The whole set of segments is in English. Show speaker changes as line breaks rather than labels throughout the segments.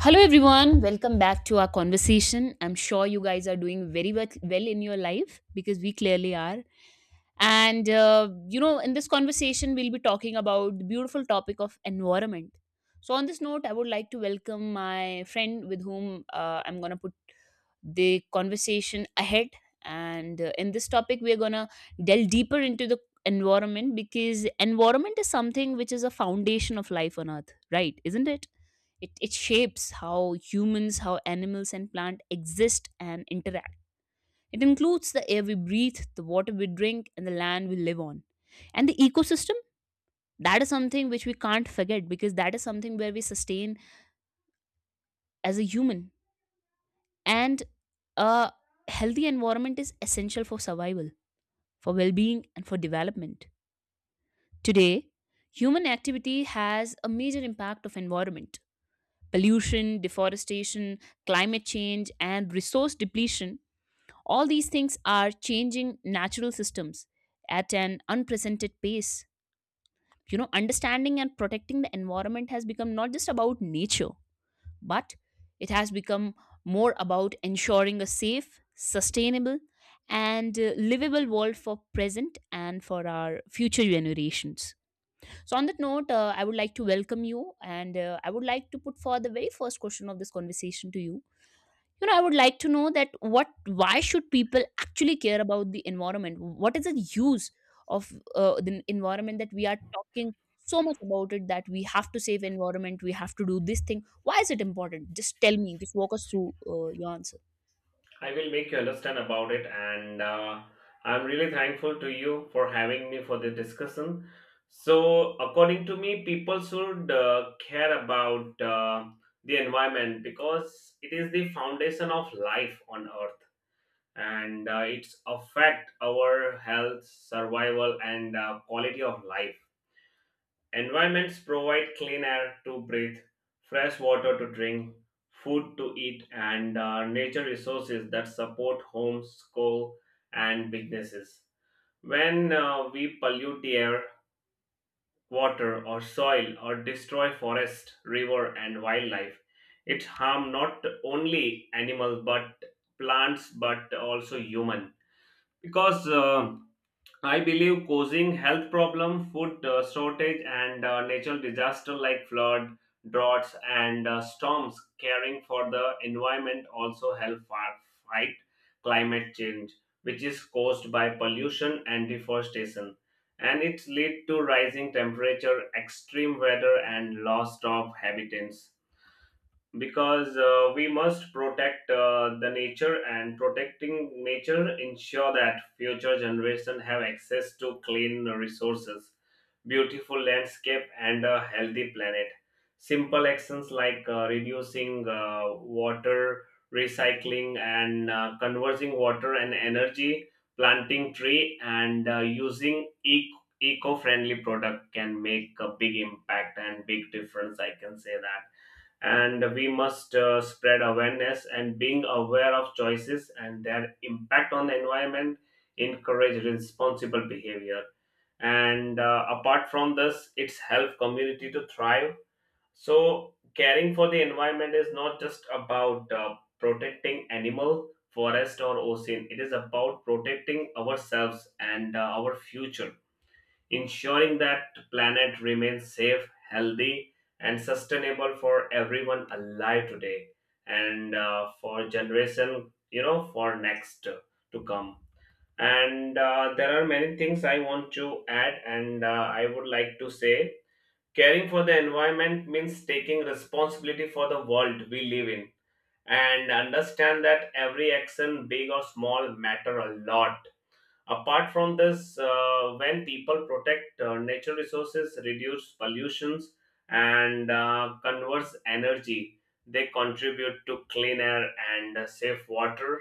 Hello, everyone. Welcome back to our conversation. I'm sure you guys are doing very well in your life because we clearly are. And, in this conversation, we'll be talking about the beautiful topic of environment. So, on this note, I would like to welcome my friend with whom I'm going to put the conversation ahead. And in this topic, we're going to delve deeper into the environment, because environment is something which is a foundation of life on earth, right? Isn't it? It shapes how humans, how animals and plants exist and interact. It includes the air we breathe, the water we drink, and the land we live on. And the ecosystem, that is something which we can't forget, because that is something where we sustain as a human. And a healthy environment is essential for survival, for well being, and for development. Today, human activity has a major impact of environment, pollution, deforestation, climate change, and resource depletion. All these things are changing natural systems at an unprecedented pace. Understanding and protecting the environment has become not just about nature, but it has become more about ensuring a safe, sustainable, and livable world for present and for our future generations. So, on that note, I would like to welcome you, and I would like to put forward the very first question of this conversation to you. You know I would like to know that what why should people actually care about the environment? What is the use of the environment that we are talking so much about, it that we have to save environment, we have to do this thing? Why is it important? Just tell me, just walk us through your answer.
I will make you understand about it, and I'm really thankful to you for having me for the discussion. So, according to me, people should care about the environment because it is the foundation of life on Earth, and it's affect our health, survival, and quality of life. Environments provide clean air to breathe, fresh water to drink, food to eat, and nature resources that support homes, schools, and businesses. When we pollute the air, water, or soil, or destroy forest, river, and wildlife, it harm not only animals but plants, but also human. Because I believe causing health problem, food shortage, and natural disaster like flood, droughts, and storms. Caring for the environment also help fight climate change, which is caused by pollution and deforestation, and it lead to rising temperature, extreme weather, and loss of habitats because we must protect the nature, and protecting nature ensure that future generation have access to clean resources, beautiful landscape, and a healthy planet. Simple actions like reducing water, recycling, and conversing water and energy, planting tree, and using eco-friendly product can make a big impact and big difference, I can say that. And we must spread awareness, and being aware of choices and their impact on the environment encourage responsible behavior. And apart from this, it's help community to thrive. So caring for the environment is not just about protecting animal, forest, or ocean, it is about protecting ourselves and our future, ensuring that planet remains safe, healthy, and sustainable for everyone alive today, and for generation, for next to come. And there are many things I want to add, and I would like to say caring for the environment means taking responsibility for the world we live in, and understand that every action, big or small, matter a lot. Apart from this, when people protect natural resources, reduce pollutions, and conserve energy, they contribute to clean air and safe water,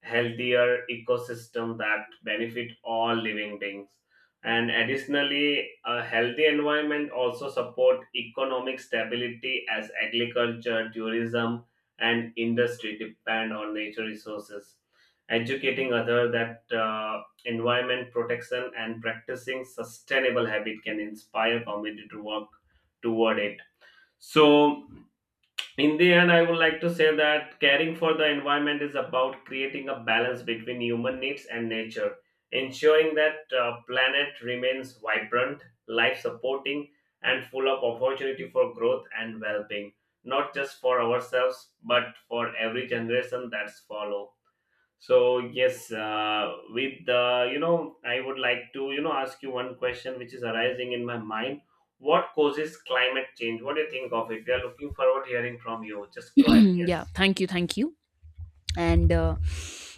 healthier ecosystem that benefit all living beings. And additionally, a healthy environment also support economic stability, as agriculture, tourism, and industry depend on nature resources. Educating other that environment protection and practicing sustainable habit can inspire community to work toward it. So in the end, I would like to say that caring for the environment is about creating a balance between human needs and nature, ensuring that planet remains vibrant, life supporting, and full of opportunity for growth and well-being, not just for ourselves but for every generation that's follow. So yes, with the I would like to ask you one question which is arising in my mind. What causes climate change? What do you think of it? We are looking forward hearing from you. Just go ahead.
Yeah,
Yes.
thank you. And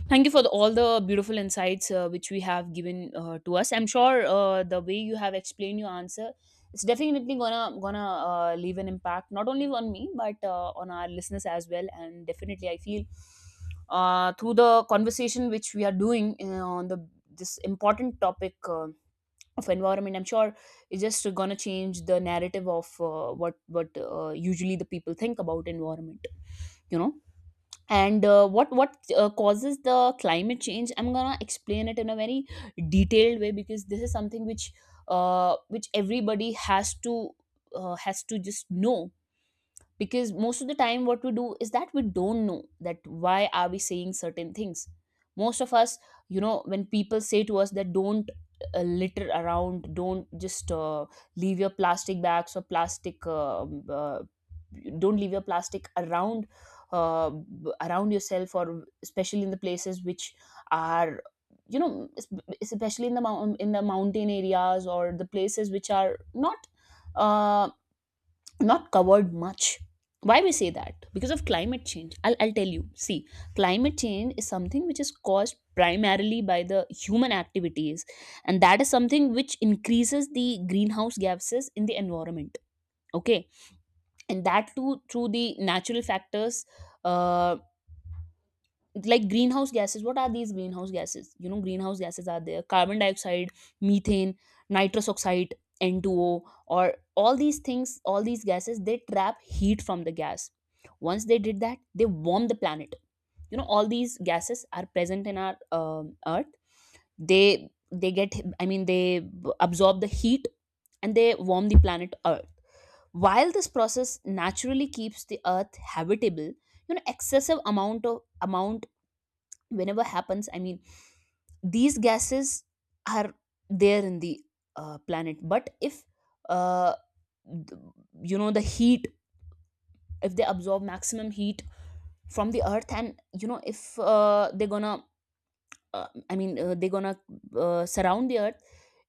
thank you for all the beautiful insights which we have given to us. I'm sure the way you have explained your answer, it's definitely gonna leave an impact not only on me but on our listeners as well. And definitely I feel through the conversation which we are doing on the this important topic of environment, I'm sure it's just gonna change the narrative of what usually the people think about environment you know and what causes the climate change, I'm gonna explain it in a very detailed way, because this is something which everybody has to just know. Because most of the time what we do is that we don't know that why are we saying certain things, most of us. When people say to us that don't litter around, don't just leave your plastic bags or plastic, don't leave your plastic around, around yourself, or especially in the places which are, you know es- especially in in the mountain areas, or the places which are not uh, not covered much. Why we say that? Because of climate change. I'll tell you, see, climate change is something which is caused primarily by the human activities, and that is something which increases the greenhouse gases in the environment, okay? And that too through the natural factors, uh, like greenhouse gases. What are these greenhouse gases? Greenhouse gases are there: carbon dioxide, methane, nitrous oxide, N2O, or all these things. All these gases, they trap heat from the gas. Once they did that, they warm the planet. All these gases are present in our earth. They get, they absorb the heat, and they warm the planet earth. While this process naturally keeps the earth habitable, excessive amount of amount whenever happens, these gases are there in the planet. But if uh, th- the heat, if they absorb maximum heat from the earth, and if they're gonna surround the earth,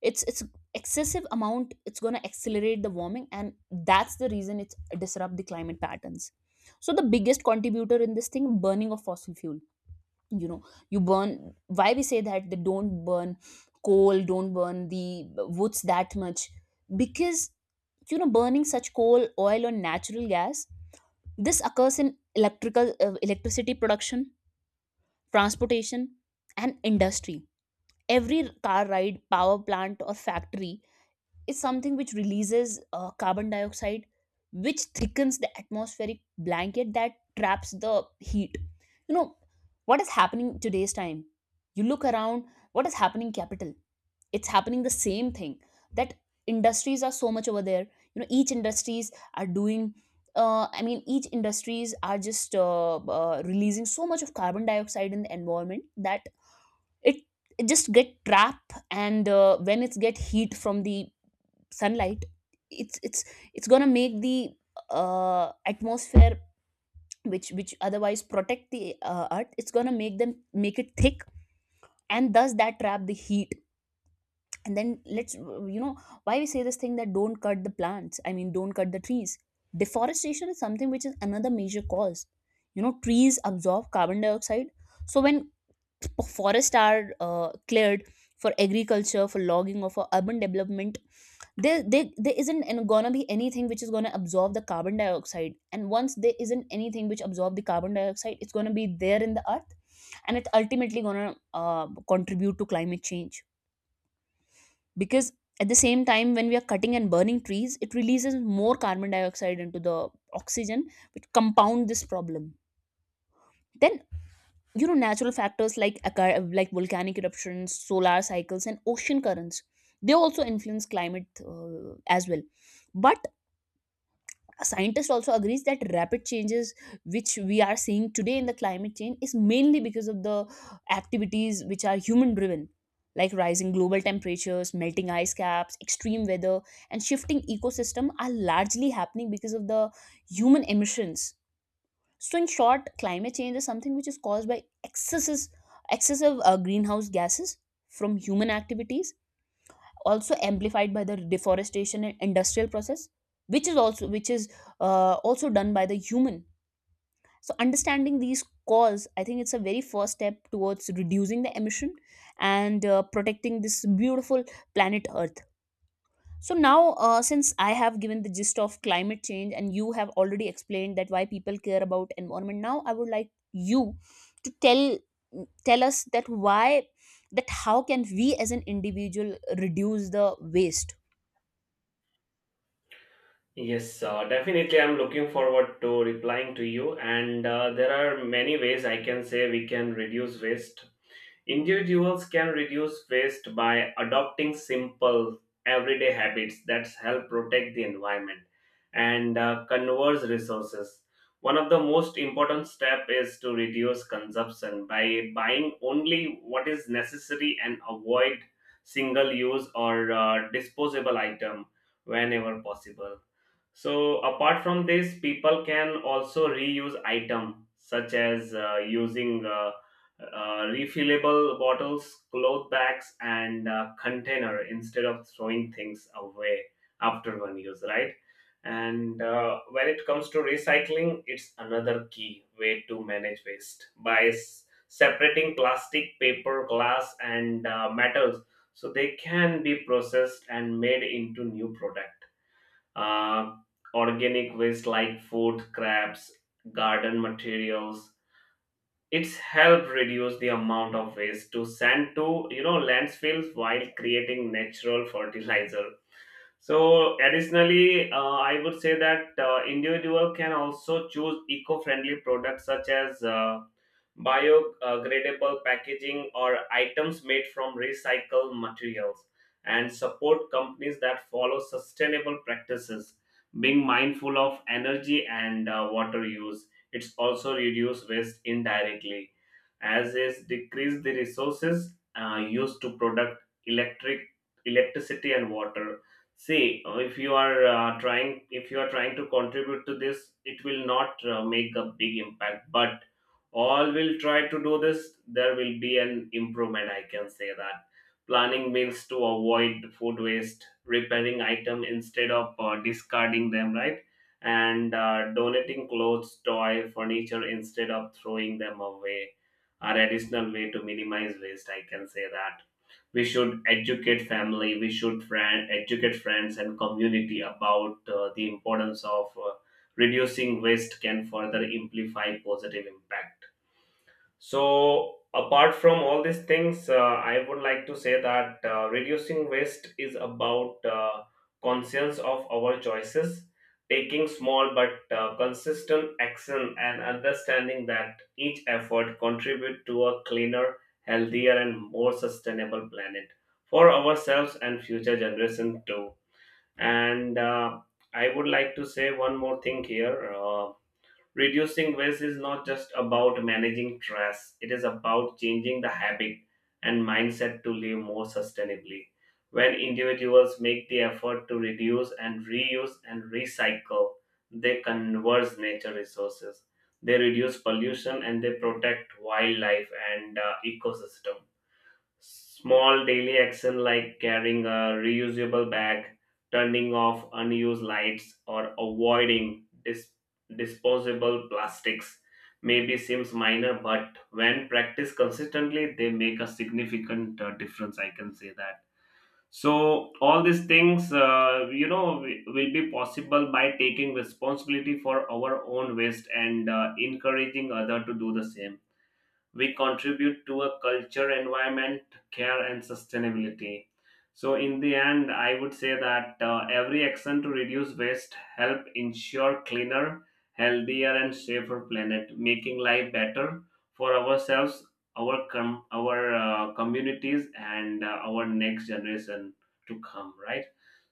it's excessive amount, it's gonna accelerate the warming, and that's the reason it's disrupt the climate patterns. So the biggest contributor in this thing, burning of fossil fuel. you know you burn, why we say that they don't burn coal, don't burn the woods that much? Because burning such coal, oil, or natural gas, this occurs in electrical electricity production, transportation, and industry. Every car ride, power plant, or factory is something which releases carbon dioxide, which thickens the atmospheric blanket that traps the heat. You know, what is happening today's time? You look around, what is happening capital? It's happening the same thing, that industries are so much over there. You know, each industries are doing, each industries are just releasing so much of carbon dioxide in the environment that it it just get trapped, and when it's get heat from the sunlight, it's it's it's going to make the atmosphere, which otherwise protect the earth, it's going to make it thick, and thus that trap the heat. And then let's you know why we say this thing, that don't cut the plants, don't cut the trees. Deforestation is something which is another major cause. Trees absorb carbon dioxide. So when forests are cleared for agriculture, for logging, or for urban development, there isn't gonna be anything which is gonna absorb the carbon dioxide. And once there isn't anything which absorb the carbon dioxide, it's gonna be there in the earth, and it's ultimately gonna contribute to climate change. Because at the same time when we are cutting and burning trees, it releases more carbon dioxide into the oxygen, which compound this problem. Then, natural factors like like volcanic eruptions, solar cycles, and ocean currents, they also influence climate as well. But a scientist also agrees that rapid changes which we are seeing today in the climate change is mainly because of the activities which are human driven, like rising global temperatures, melting ice caps, extreme weather, and shifting ecosystem are largely happening because of the human emissions. So in short, climate change is something which is caused by excesses excessive greenhouse gases from human activities, also amplified by the deforestation and industrial process, which is also done by the human. So understanding these cause, I think it's a very first step towards reducing the emission, and protecting this beautiful planet earth. So now, since I have given the gist of climate change, and you have already explained that why people care about environment, now I would like you to tell us that why that how can we as an individual reduce the waste.
Yes, definitely. I'm looking forward to replying to you. And there are many ways, I can say, we can reduce waste. Individuals can reduce waste by adopting simple, everyday habits that help protect the environment and conserve resources. One of the most important steps is to reduce consumption by buying only what is necessary and avoid single use or disposable item whenever possible. So apart from this, people can also reuse item such as using refillable bottles, cloth bags, and container instead of throwing things away after one use, right? And when it comes to recycling, it's another key way to manage waste by separating plastic, paper, glass, and metals, so they can be processed and made into new product. uh, Organic waste like food scraps, garden materials. It's helped reduce the amount of waste to send to landfills while creating natural fertilizer. So additionally, I would say that individual can also choose eco-friendly products such as biodegradable packaging or items made from recycled materials, and support companies that follow sustainable practices. Being mindful of energy and water use, it's also reduce waste indirectly as is decrease the resources used to product electricity and water. See, if you are trying, if you are trying to contribute to this, it will not make a big impact, but all will try to do this, there will be an improvement. I can say that. Planning means to avoid food waste, repairing item instead of discarding them, right? And donating clothes, toy, furniture instead of throwing them away are additional way to minimize waste. I can say that. We should educate family. We should friend, educate friends and community about the importance of reducing waste can further amplify positive impact. So, apart from all these things, I would like to say that reducing waste is about conscience of our choices, taking small but consistent action, and understanding that each effort contribute to a cleaner, healthier, and more sustainable planet for ourselves and future generation too. And I would like to say one more thing here. Reducing waste is not just about managing trash, it is about changing the habit and mindset to live more sustainably. When individuals make the effort to reduce and reuse and recycle, they conserve nature resources. They reduce pollution and they protect wildlife and ecosystem. Small daily action like carrying a reusable bag, turning off unused lights, or avoiding disposable plastics maybe seems minor, but when practiced consistently, they make a significant difference. I can say that. So all these things, will be possible by taking responsibility for our own waste, and encouraging other to do the same, we contribute to a culture environment, care, and sustainability. So in the end, I would say that every action to reduce waste help ensure cleaner, healthier, and safer planet, making life better for ourselves, our our communities, and our next generation to come, right?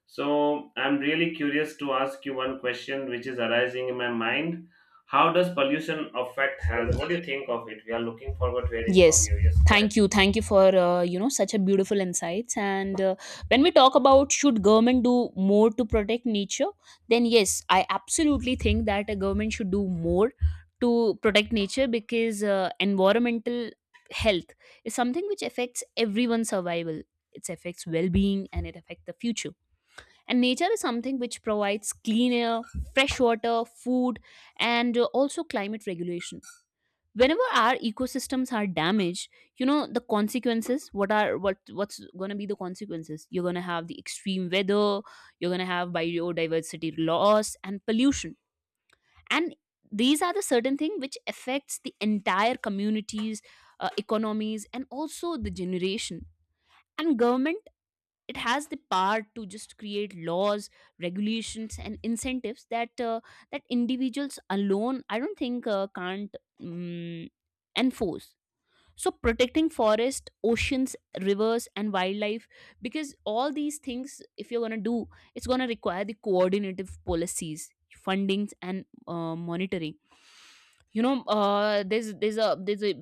So I'm really curious to ask you one question which is arising in my mind. How does pollution affect health? What do you think of it? We are looking forward to hearing from
Yes,
you. Yes, go ahead.
thank you, for such a beautiful insights. And when we talk about should government do more to protect nature, then yes, I absolutely think that a government should do more to protect nature, because environmental health is something which affects everyone's survival. It affects well-being, and it affects the future. And nature is something which provides clean air, fresh water, food, and also climate regulation. Whenever our ecosystems are damaged, the consequences, what are what what's going to be the consequences? You're going to have the extreme weather, you're going to have biodiversity loss and pollution. And these are the certain thing which affects the entire communities, economies, and also the generation. And government, it has the power to just create laws, regulations, and incentives that individuals alone, I don't think can't um, enforce. So protecting forest, oceans, rivers, and wildlife, because all these things if you're going to do, it's going to require the coordinative policies, fundings, and monitoring. There's a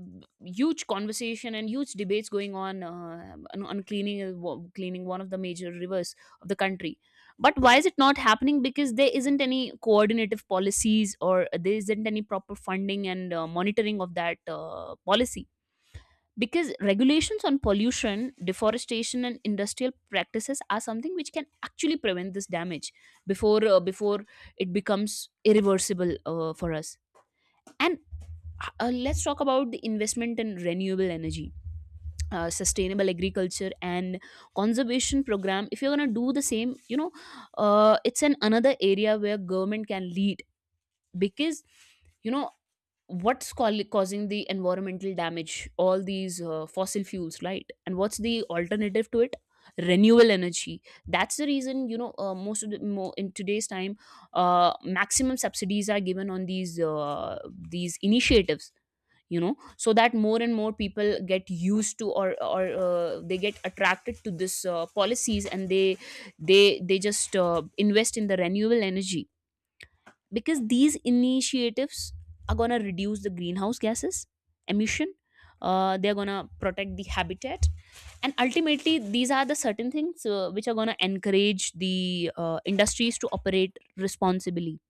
huge conversation and huge debates going on, cleaning one of the major rivers of the country. But why is it not happening? Because there isn't any coordinative policies, or there isn't any proper funding and monitoring of that policy. Because regulations on pollution, deforestation, and industrial practices are something which can actually prevent this damage before it becomes irreversible for us. And let's talk about the investment in renewable energy, sustainable agriculture, and conservation program. If you're going to do the same, it's an another area where government can lead. Because you know causing the environmental damage, all these fossil fuels, right? And what's the alternative to it? Renewable energy. That's the reason, most of the mo- in today's time, maximum subsidies are given on these initiatives, so that more and more people get used To or they get attracted to this policies, and they just invest in the renewable energy, because these initiatives are going to reduce the greenhouse gases emission. They're going to protect the habitat. And ultimately these are the certain things which are going to encourage the industries to operate responsibly.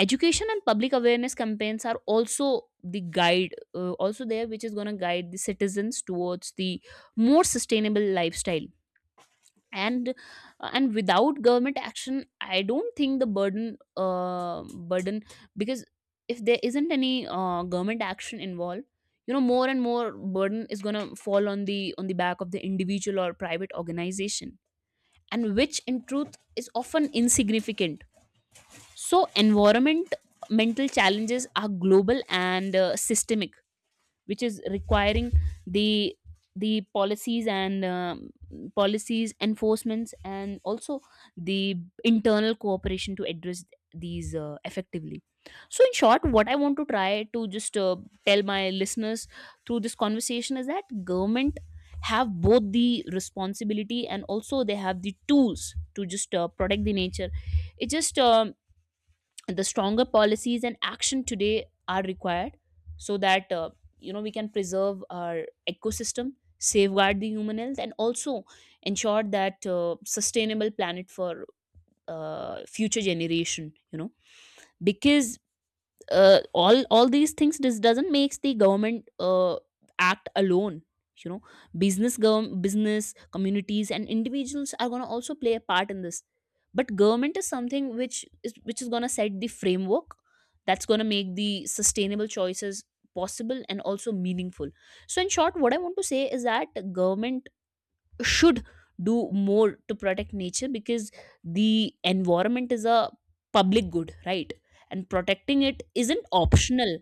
Education and public awareness campaigns are also the guide also there, which is going to guide the citizens towards the more sustainable lifestyle. And uh, and without government action, I don't think the burden. Because if there isn't any government action involved, you know, more and more burden is going to fall on the back of the individual or private organization, and which in truth is often insignificant. So environment mental challenges are global and systemic, which is requiring the the policies and policies enforcements, and also the internal cooperation to address these effectively. So in short, what I want to try to just tell my listeners through this conversation is that government have both the responsibility and also they have the tools to just protect the nature. It just the stronger policies and action today are required, so that you know, we can preserve our ecosystem, safeguard the human health, and also ensure that sustainable planet for future generation, you know. Because all these things, this doesn't makes the government act alone, you know. Business communities and individuals are going to also play a part in this, but government is something which is going to set the framework, that's going to make the sustainable choices possible and also meaningful. So in short, what I want to say is that government should do more to protect nature, because the environment is a public good, right? And protecting it isn't optional.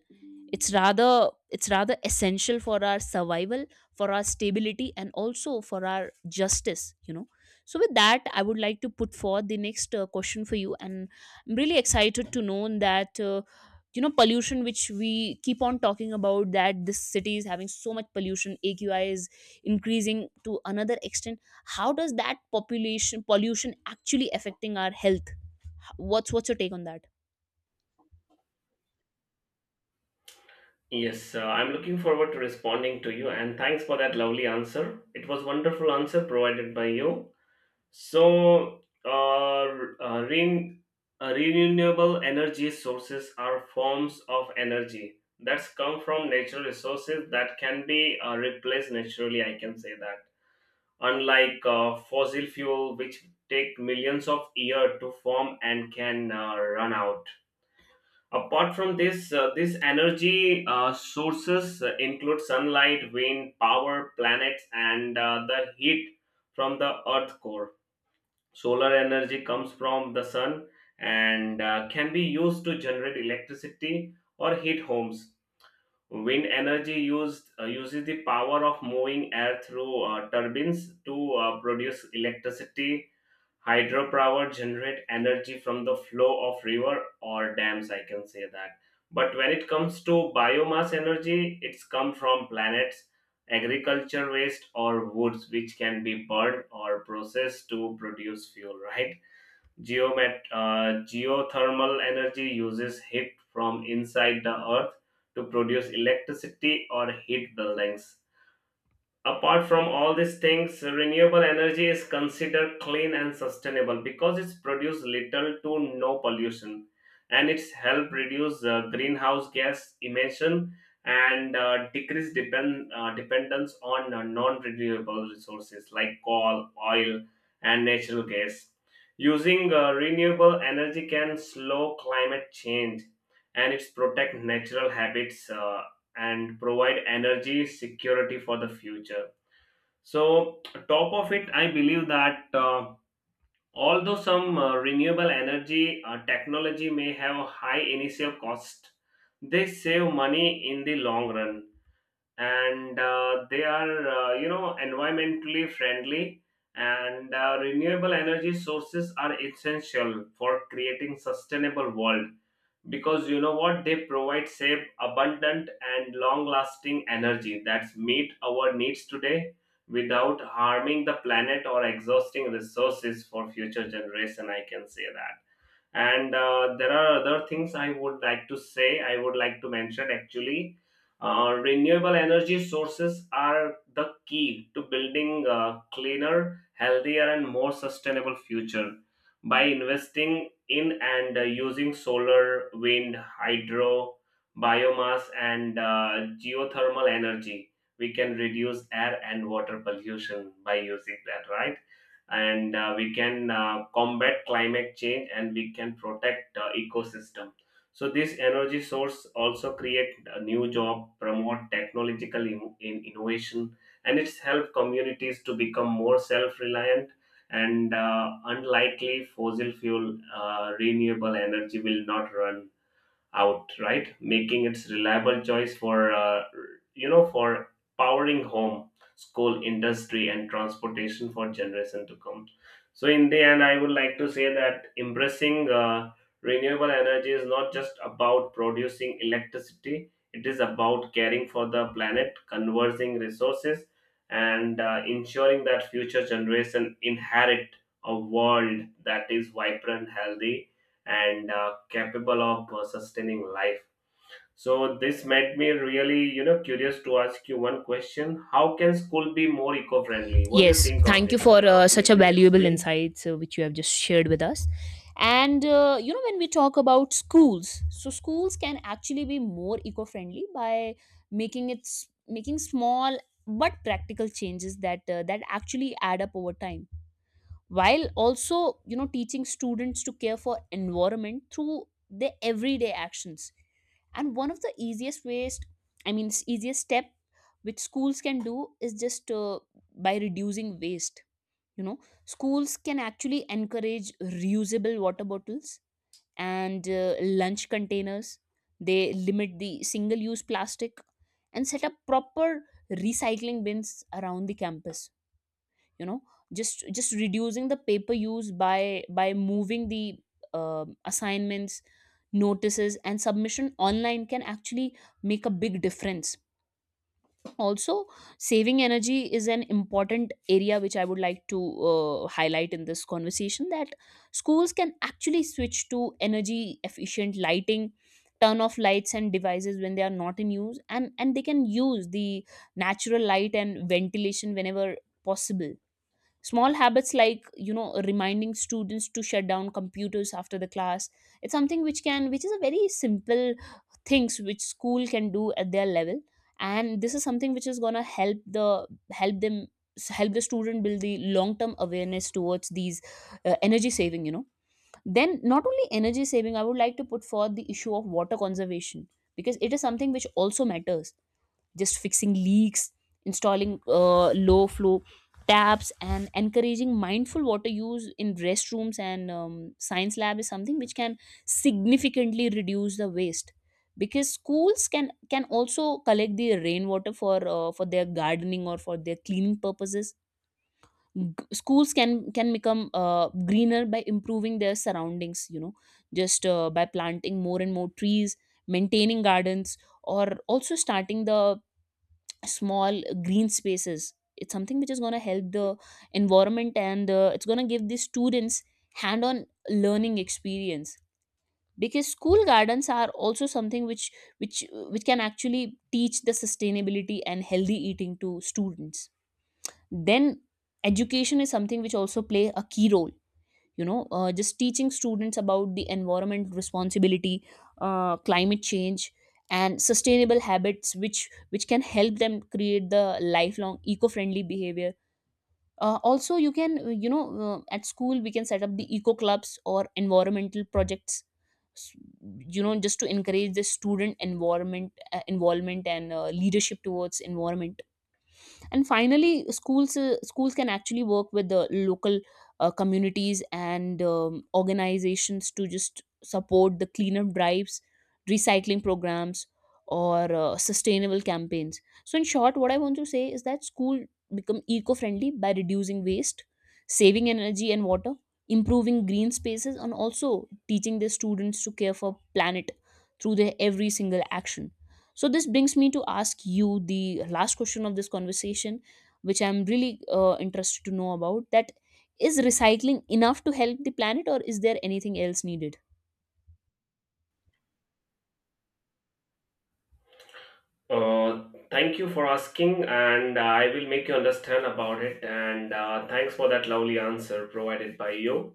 It's rather essential for our survival, for our stability, and also for our justice, you know. So with that, I would like to put forward the next question for you. And I'm really excited to know that, you know, pollution, which we keep on talking about, that this city is having so much pollution, AQI is increasing to another extent. How does that population pollution actually affecting our health? What's your take on that?
Yes, I'm looking forward to responding to you, and thanks for that lovely answer. It was wonderful answer provided by you. So, renewable energy sources are forms of energy that's come from natural resources that can be replaced naturally, I can say that, unlike fossil fuel which take millions of years to form and can run out. Apart from this, this energy sources include sunlight, wind power, planets, and the heat from the earth core. Solar energy comes from the sun and can be used to generate electricity or heat homes. Wind energy used uses the power of moving air through turbines to produce electricity. Hydropower generate energy from the flow of river or dams, I can say that. But when it comes to biomass energy, it's come from planets, agriculture waste, or woods, which can be burned or processed to produce fuel. Right. Geothermal energy uses heat from inside the earth to produce electricity or heat buildings. Apart from all these things, renewable energy is considered clean and sustainable because it's produced little to no pollution, and it's helped reduce greenhouse gas emission, and decrease dependence on non-renewable resources like coal, oil, and natural gas. Using renewable energy can slow climate change, and it's protect natural habits, and provide energy security for the future. So, top of it, I believe that although some renewable energy technology may have a high initial cost, they save money in the long run, and they are, environmentally friendly. And renewable energy sources are essential for creating sustainable world, because you know what, they provide safe, abundant, and long lasting energy that's meet our needs today without harming the planet or exhausting resources for future generation, I can say that. And there are other things I would like to say, I would like to mention actually. Renewable energy sources are the key to building a cleaner, healthier, and more sustainable future. By investing in and using solar, wind, hydro, biomass, and geothermal energy, we can reduce air and water pollution by using that, right? And we can combat climate change and we can protect ecosystem. So this energy source also create a new job, promote technological in innovation, and it's help communities to become more self-reliant, and unlikely fossil fuel, renewable energy will not run out, right? Making its reliable choice for for powering home, school, industry, and transportation for generation to come. So in the end, I would like to say that embracing renewable energy is not just about producing electricity. It is about caring for the planet, conserving resources, and ensuring that future generation inherit a world that is vibrant, healthy, and capable of sustaining life. So this made me really, curious to ask you one question. How can school be more eco-friendly? What do you
Yes,
think of
thank you
it?
for
Could you
such a
please
valuable
explain?
insights which you have just shared with us. And you know, when we talk about schools, so schools can actually be more eco-friendly by making small but practical changes that that actually add up over time, while also, you know, teaching students to care for environment through their everyday actions. And one of the easiest ways, I mean, easiest step which schools can do is just by reducing waste, you know. Schools can actually encourage reusable water bottles and lunch containers. They limit the single use plastic and set up proper recycling bins around the campus, you know. Just reducing the paper use by moving the assignments, notices and submission online can actually make a big difference. Also, saving energy is an important area which I would like to highlight in this conversation, that schools can actually switch to energy efficient lighting, turn off lights and devices when they are not in use, and they can use the natural light and ventilation whenever possible. Small habits like, you know, reminding students to shut down computers after the class, it's something which can which is a very simple things which school can do at their level, and this is something which is going to help them, help the student build the long term awareness towards these energy saving, you know. Then not only energy saving, I would like to put forth the issue of water conservation, because it is something which also matters. Just fixing leaks, installing low flow taps, and encouraging mindful water use in restrooms and science lab is something which can significantly reduce the waste. Because schools can also collect the rainwater for their gardening or for their cleaning purposes. Schools can become greener by improving their surroundings, you know, just by planting more and more trees, maintaining gardens, or also starting the small green spaces. It's something which is going to help the environment, and it's going to give the students hand on learning experience, because school gardens are also something which which can actually teach the sustainability and healthy eating to students. Then education is something which also play a key role, you know. Just teaching students about the environment responsibility, climate change, and sustainable habits which can help them create the lifelong eco-friendly behavior. Also, you can, you know, at school we can set up the eco clubs or environmental projects s- you know, just to encourage the student environment involvement and leadership towards environment. And finally, schools can actually work with the local communities and organizations to just support the cleanup drives, recycling programs, or sustainable campaigns. So in short, what I want to say is that school become eco-friendly by reducing waste, saving energy and water, improving green spaces, and also teaching the students to care for planet through their every single action. So this brings me to ask you the last question of this conversation, which I'm really interested to know about. That is, recycling enough to help the planet, or is there anything else needed?
Uh, Thank you for asking, and I will make you understand about it. And thanks for that lovely answer provided by you.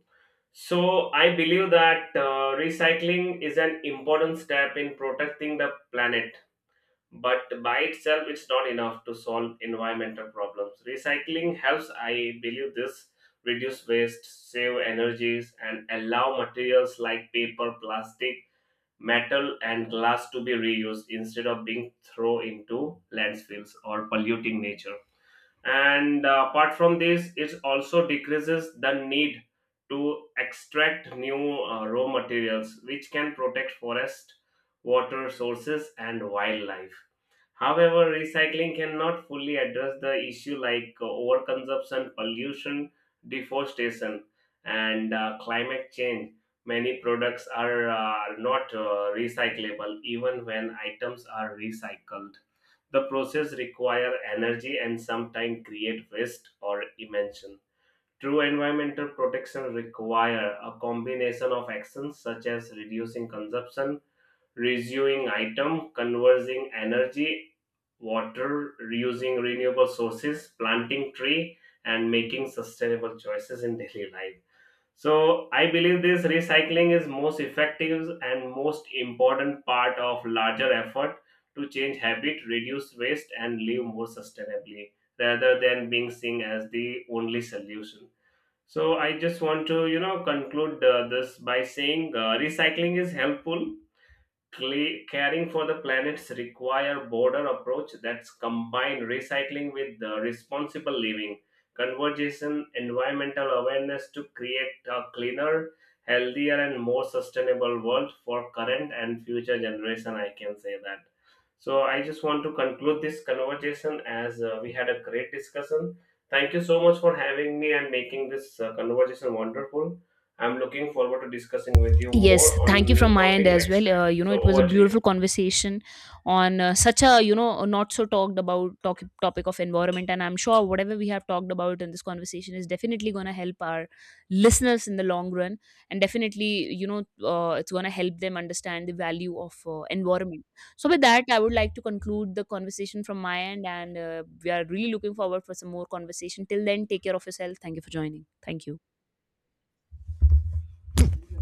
So I believe that recycling is an important step in protecting the planet, but by itself it's not enough to solve environmental problems. Recycling helps, I believe this, reduce waste, save energies, and allow materials like paper, plastic, metal, and glass to be reused instead of being thrown into landfills or polluting nature. And apart from this, it also decreases the need to extract new raw materials, which can protect forest, water sources, and wildlife. However, recycling cannot fully address the issue like overconsumption, pollution, deforestation, and climate change. Many products are not recyclable. Even when items are recycled, the process requires energy and sometimes create waste or emission. True environmental protection require a combination of actions such as reducing consumption, reusing item, conversing energy, water, reusing renewable sources, planting tree, and making sustainable choices in daily life. So I believe this recycling is most effective and most important part of larger effort to change habit, reduce waste, and live more sustainably rather than being seen as the only solution. So I just want to conclude this by saying recycling is helpful. Caring for the planets require border approach that's combined recycling with the responsible living, conversation, environmental awareness to create a cleaner, healthier, and more sustainable world for current and future generation, I can say that. So I just want to conclude this conversation, as we had a great discussion. Thank you so much for having me and making this conversation wonderful. I'm looking forward to discussing with you
Yes,
more
thank
on
you from
new
my end
topic
as
next
well.
time.
You know,
So
it was a
over to you.
beautiful conversation on such a, you know, not so talked about topic of environment, and I'm sure whatever we have talked about in this conversation is definitely going to help our listeners in the long run. And definitely, you know, it's going to help them understand the value of environment. So with that, I would like to conclude the conversation from my end, and we are really looking forward for some more conversation. Till then, take care of yourself. Thank you for joining. Thank you.